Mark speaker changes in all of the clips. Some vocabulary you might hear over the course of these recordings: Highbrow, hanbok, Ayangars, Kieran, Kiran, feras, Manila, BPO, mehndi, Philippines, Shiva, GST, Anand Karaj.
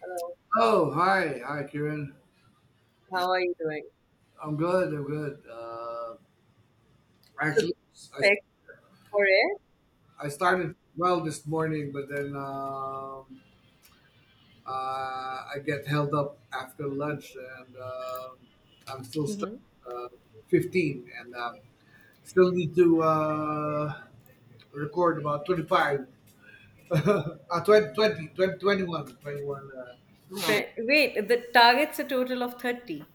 Speaker 1: Hello,
Speaker 2: Oh, hi, hi, Kieran.
Speaker 1: how are you doing?
Speaker 2: I'm good. I'm good.
Speaker 1: So, the
Speaker 2: Actually, I,
Speaker 1: specs for it?
Speaker 2: I
Speaker 1: Yeah.
Speaker 2: started well this morning, but then I get held up after lunch, and I'm still stuck
Speaker 1: Mm-hmm.
Speaker 2: uh, 15, and still need to record about 25, 20, twenty, 20, 21, 21.
Speaker 1: Wait, the target's a total of 30.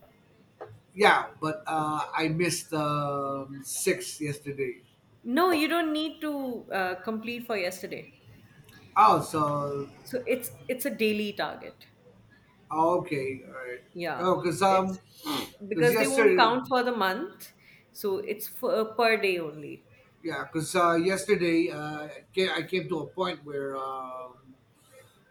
Speaker 2: Yeah, but I missed six yesterday.
Speaker 1: No, you don't need to complete for yesterday.
Speaker 2: Oh, so.
Speaker 1: So it's a daily target.
Speaker 2: Oh, okay, all right.
Speaker 1: Yeah,
Speaker 2: Oh,
Speaker 1: it's
Speaker 2: cause
Speaker 1: because they won't
Speaker 2: yesterday,
Speaker 1: count for the month, so it's for per day only.
Speaker 2: yeah, cause yesterday I came to a point where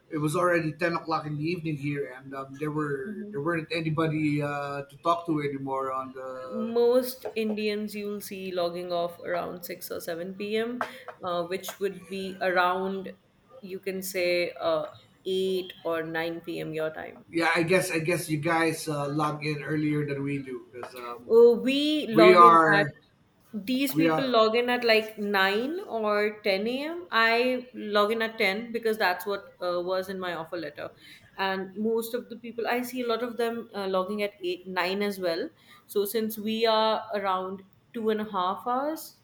Speaker 2: it was already 10 o'clock in the evening here, and there
Speaker 1: Mhm.
Speaker 2: weren't anybody to talk to anymore on the.
Speaker 1: Most Indians you'll see logging off around 6 or 7 p.m., which would be around, you can say, 8 or 9 p.m. your time.
Speaker 2: Yeah, I guess you guys log in earlier than we do, cause
Speaker 1: We
Speaker 2: we
Speaker 1: log in at
Speaker 2: are
Speaker 1: These
Speaker 2: we
Speaker 1: people
Speaker 2: are
Speaker 1: log in at like 9 or 10 a.m. I log in at 10 because that's what was in my offer letter. And most of the people, I see a lot of them logging at 8, 9 as well. So since we are around 2.5 hours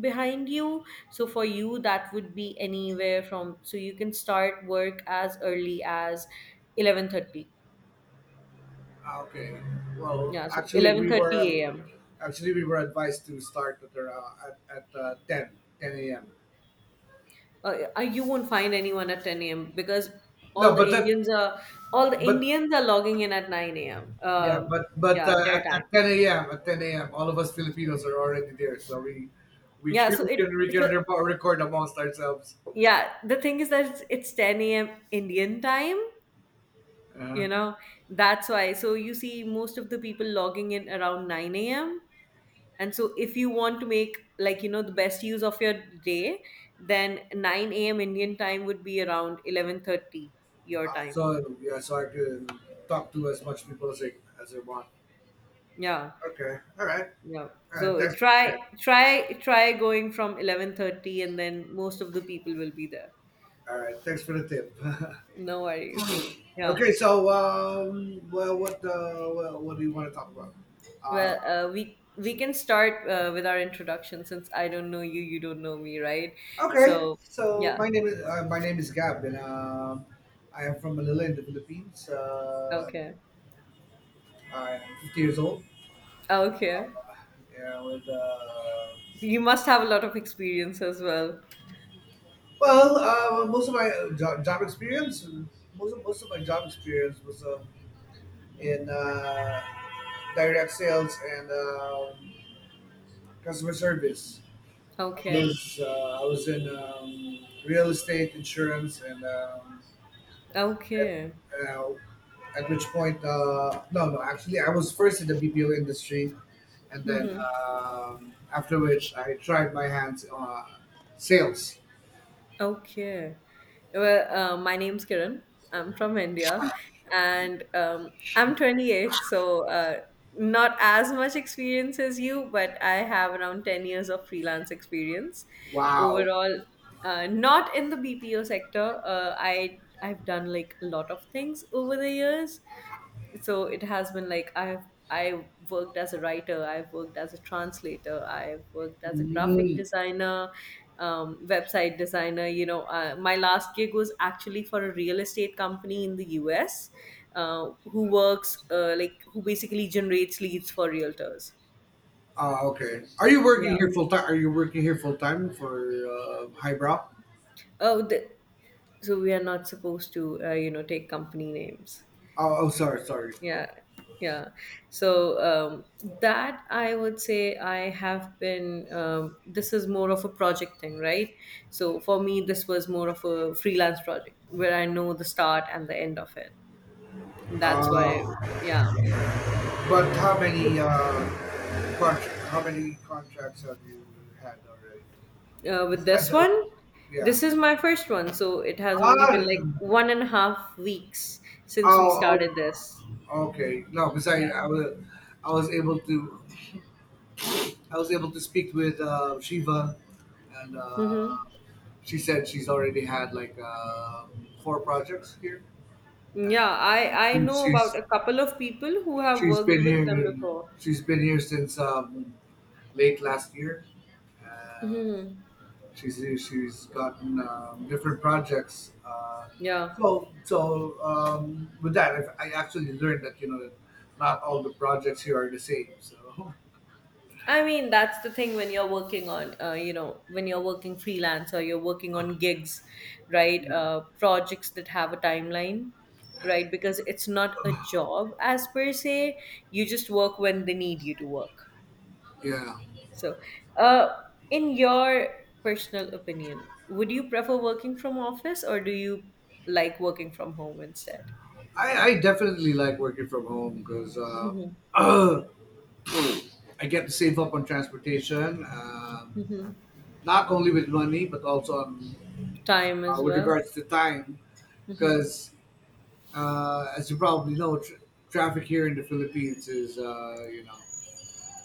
Speaker 1: behind you, so for you that would be anywhere from, so you can start work as early as 11:30.
Speaker 2: ah, okay. Well,
Speaker 1: Yeah, so 11:30 a.m.
Speaker 2: actually we were advised to start at ten a.m.
Speaker 1: You won't find anyone at 10 a.m. because all
Speaker 2: No,
Speaker 1: the Indians are all the
Speaker 2: but
Speaker 1: Indians are logging in at 9 a.m.
Speaker 2: yeah, but but
Speaker 1: Yeah,
Speaker 2: uh,
Speaker 1: their
Speaker 2: at
Speaker 1: time.
Speaker 2: 10 a.m., at 10 a.m., all of us Filipinos are already there, so
Speaker 1: yeah so it
Speaker 2: we can
Speaker 1: so
Speaker 2: record amongst ourselves.
Speaker 1: yeah, the thing is that it's 10 a.m. Indian time,
Speaker 2: Uh,
Speaker 1: you
Speaker 2: uh,
Speaker 1: know, that's why. So you see most of the people logging in around 9 a.m. And so, if you want to make, like, you know, the best use of your day, then 9 a.m. Indian time would be around 11:30 your time.
Speaker 2: so, yeah, so I can talk to as much people as I want.
Speaker 1: Yeah,
Speaker 2: Okay,
Speaker 1: yeah.
Speaker 2: all right.
Speaker 1: So
Speaker 2: Thanks for the
Speaker 1: try
Speaker 2: tip.
Speaker 1: try try going from 11:30, and then most of the people will be there.
Speaker 2: All right, thanks for the tip.
Speaker 1: No worries. Yeah.
Speaker 2: Okay, so well, what do you want to talk about? Uh,
Speaker 1: Well, we can start with our introduction, since I don't know you, you don't know me, right?
Speaker 2: Okay,
Speaker 1: So
Speaker 2: so
Speaker 1: yeah.
Speaker 2: my name is Gab, and I am from Manila in the Philippines.
Speaker 1: Okay.
Speaker 2: I am 50 years old.
Speaker 1: Okay.
Speaker 2: Yeah,
Speaker 1: So you must have a lot of experience as well.
Speaker 2: most of my job experience, most of my job experience was in direct sales and customer service.
Speaker 1: Okay.
Speaker 2: I was in real estate, insurance, and at,
Speaker 1: Okay,
Speaker 2: uh, at which point, no, no, actually, I was first in the BPO industry, and then after which I tried my hands on sales.
Speaker 1: okay. Well, my name's Kiran. I'm from India, and I'm 28, so not as much experience as you, but I have around 10 years of freelance experience
Speaker 2: Wow.
Speaker 1: overall. Not in the BPO sector. I've done, like, a lot of things over the years. So it has been like I worked as a writer, I've worked as a translator, I've worked as a graphic
Speaker 2: Mm.
Speaker 1: designer, website designer, you know. My last gig was actually for a real estate company in the US, who works, like, who basically generates leads for realtors.
Speaker 2: Oh, okay. Are you working
Speaker 1: Yeah.
Speaker 2: here full time? Are you working here full time for Highbrow?
Speaker 1: oh the, so we are not supposed to, you know, take company names.
Speaker 2: Oh, oh, sorry, sorry.
Speaker 1: Yeah,
Speaker 2: Okay.
Speaker 1: yeah. So that, I would say, I have been, this is more of a project thing, right? So for me this was more of a freelance project where I know the start and the end of it, that's why.
Speaker 2: Uh,
Speaker 1: Yeah.
Speaker 2: but how many contracts have you had already?
Speaker 1: With
Speaker 2: Is that
Speaker 1: this
Speaker 2: the-
Speaker 1: one,
Speaker 2: Yeah.
Speaker 1: this is my first one, so it has only
Speaker 2: Ah,
Speaker 1: been like 1.5 weeks since we
Speaker 2: oh,
Speaker 1: started this.
Speaker 2: oh, okay. No, because
Speaker 1: Yeah.
Speaker 2: I was able to, I was able to speak with Shiva, and
Speaker 1: Mm-hmm.
Speaker 2: she said she's already had like four projects here, and
Speaker 1: Yeah, I
Speaker 2: she,
Speaker 1: know about
Speaker 2: she's
Speaker 1: a couple of people who have
Speaker 2: she's
Speaker 1: worked
Speaker 2: been
Speaker 1: with them
Speaker 2: here,
Speaker 1: before.
Speaker 2: she's been here since late last year. Uh,
Speaker 1: Hmm.
Speaker 2: She's she's gotten different projects.
Speaker 1: Yeah.
Speaker 2: So with that, I actually learned that you know that not all the projects here are the same. So.
Speaker 1: I mean, that's the thing when you're working on, you know, when you're working freelance or you're working on gigs, right?
Speaker 2: Yeah.
Speaker 1: Projects that have a timeline, right? Because it's not a job, as per se. You just work when they need you to work.
Speaker 2: Yeah,
Speaker 1: So, uh, in your personal opinion, would you prefer working from office, or do you like working from home instead?
Speaker 2: I definitely like working from home because
Speaker 1: Hmm.
Speaker 2: I get to save up on transportation,
Speaker 1: Hmm.
Speaker 2: not only with money but also on
Speaker 1: Time as
Speaker 2: with
Speaker 1: well.
Speaker 2: regards to time.
Speaker 1: Hmm.
Speaker 2: Because as you probably know, tr traffic here in the Philippines is,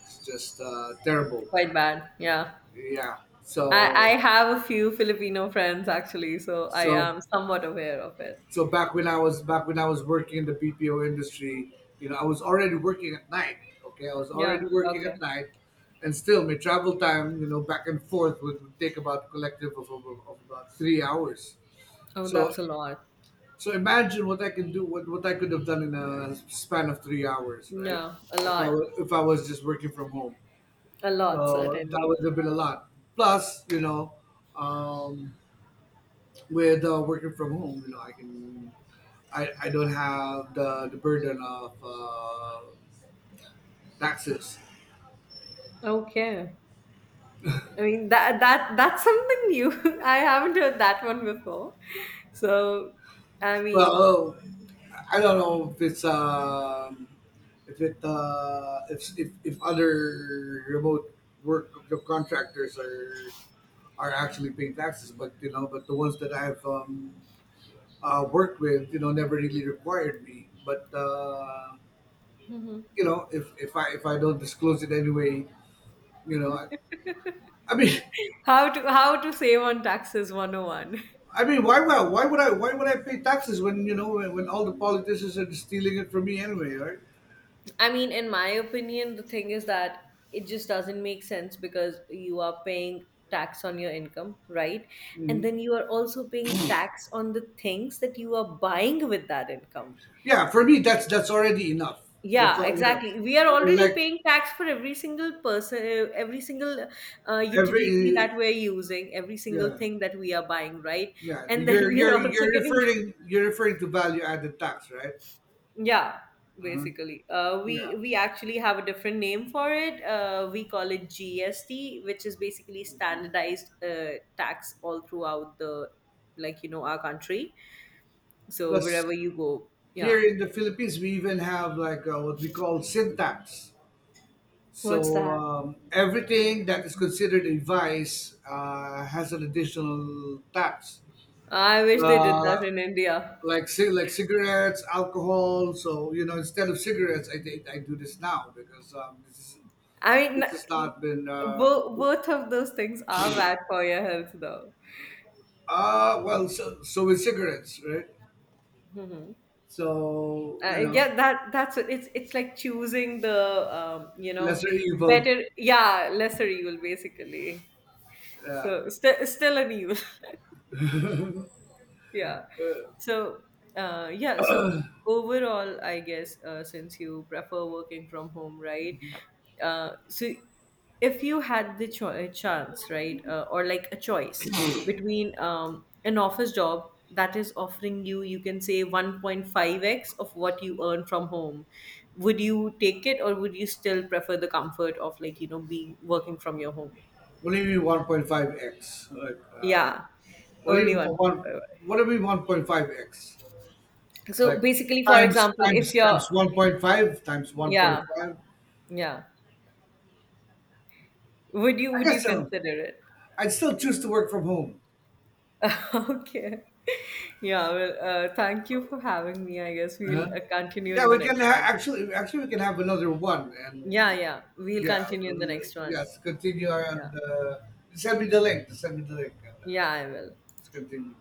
Speaker 2: it's just terrible.
Speaker 1: Quite bad. Yeah.
Speaker 2: Yeah.
Speaker 1: I have a few Filipino friends actually, so I
Speaker 2: So
Speaker 1: am somewhat aware of it.
Speaker 2: so back when I was working in the BPO industry, I was already working at night. Okay, I was already
Speaker 1: Yeah,
Speaker 2: working
Speaker 1: okay.
Speaker 2: at night, and still my travel time, back and forth would take about collective of about 3 hours.
Speaker 1: Oh,
Speaker 2: So
Speaker 1: that's a lot.
Speaker 2: so imagine what I can do, what I could have done in a span of 3 hours, right?
Speaker 1: Yeah, a lot.
Speaker 2: If I was just working from home.
Speaker 1: A lot,
Speaker 2: So that
Speaker 1: certainly.
Speaker 2: would have been a lot. Plus, um, with working from home, I can, I don't have the burden of taxes.
Speaker 1: Okay. I mean, that's something new. I haven't heard that one before. So I
Speaker 2: Well,
Speaker 1: mean,
Speaker 2: oh, I don't know if other remote work contractors are actually paying taxes, but the ones that I've worked with, never really required me. But if I don't disclose it anyway, you know, I, I mean.
Speaker 1: how to, how to save on taxes 101.
Speaker 2: I mean, why would I pay taxes when when all the politicians are stealing it from me anyway, right?
Speaker 1: I mean, in my opinion, the thing is that it just doesn't make sense because you are paying tax on your income, right? And
Speaker 2: Hmm.
Speaker 1: then you are also paying tax on the things that you are buying with that income.
Speaker 2: Yeah, for me that's already enough. That's
Speaker 1: Yeah,
Speaker 2: all,
Speaker 1: exactly. We are
Speaker 2: yeah.
Speaker 1: already
Speaker 2: like
Speaker 1: paying tax for every single person, every single utility
Speaker 2: every
Speaker 1: that we're using, every single
Speaker 2: yeah
Speaker 1: thing that we are buying, right?
Speaker 2: yeah,
Speaker 1: And then we are also getting.
Speaker 2: you're referring to value added tax, right?
Speaker 1: Yeah,
Speaker 2: Uh-huh.
Speaker 1: basically. We
Speaker 2: Yeah.
Speaker 1: we actually have a different name for it. We call it GST, which is basically standardized tax all throughout the, like, you know, our country. So wherever
Speaker 2: Plus,
Speaker 1: you go, yeah.
Speaker 2: here in the Philippines, we even have like what we call sin tax.
Speaker 1: What's
Speaker 2: So
Speaker 1: that?
Speaker 2: everything that is considered a vice has an additional tax.
Speaker 1: I wish they did
Speaker 2: uh,
Speaker 1: that in India.
Speaker 2: like like cigarettes, alcohol. So, you know, instead of cigarettes, I do this now because
Speaker 1: I mean,
Speaker 2: this has not been.
Speaker 1: both of those things are bad for your health, though.
Speaker 2: Well, so with cigarettes, right? So, you know,
Speaker 1: Yeah, it's like choosing the, you know,
Speaker 2: lesser evil.
Speaker 1: better, yeah, lesser evil, basically.
Speaker 2: Uh,
Speaker 1: So still an evil. Yeah. So, yeah. So overall, I guess, since you prefer working from home, right? So, if you had the a chance, right, or like a choice between, an office job that is offering you, you can say, 1.5x of what you earn from home, would you take it, or would you still prefer the comfort of, like, you know, being working from your home?
Speaker 2: what do you mean 1.5 x? Like
Speaker 1: Yeah,
Speaker 2: what do you
Speaker 1: only
Speaker 2: mean
Speaker 1: one point
Speaker 2: one?
Speaker 1: five
Speaker 2: What do you mean 1.5 x?
Speaker 1: x. So
Speaker 2: Like
Speaker 1: basically, for example, if you're...
Speaker 2: times 1.5 times one
Speaker 1: Yeah,
Speaker 2: point five.
Speaker 1: yeah. Would you
Speaker 2: I
Speaker 1: would you
Speaker 2: guess
Speaker 1: consider it?
Speaker 2: I'd still choose to work from home.
Speaker 1: Okay. Yeah, well, thank you for having me. I guess
Speaker 2: Uh,
Speaker 1: we'll continue
Speaker 2: Yeah,
Speaker 1: in the
Speaker 2: we can
Speaker 1: next one.
Speaker 2: actually, we can have another one, and
Speaker 1: Yeah, yeah. We'll
Speaker 2: yeah,
Speaker 1: continue in the next one.
Speaker 2: yes, continue and
Speaker 1: Yeah.
Speaker 2: send me the link. Send me the link, and
Speaker 1: Yeah, I will.
Speaker 2: let's continue.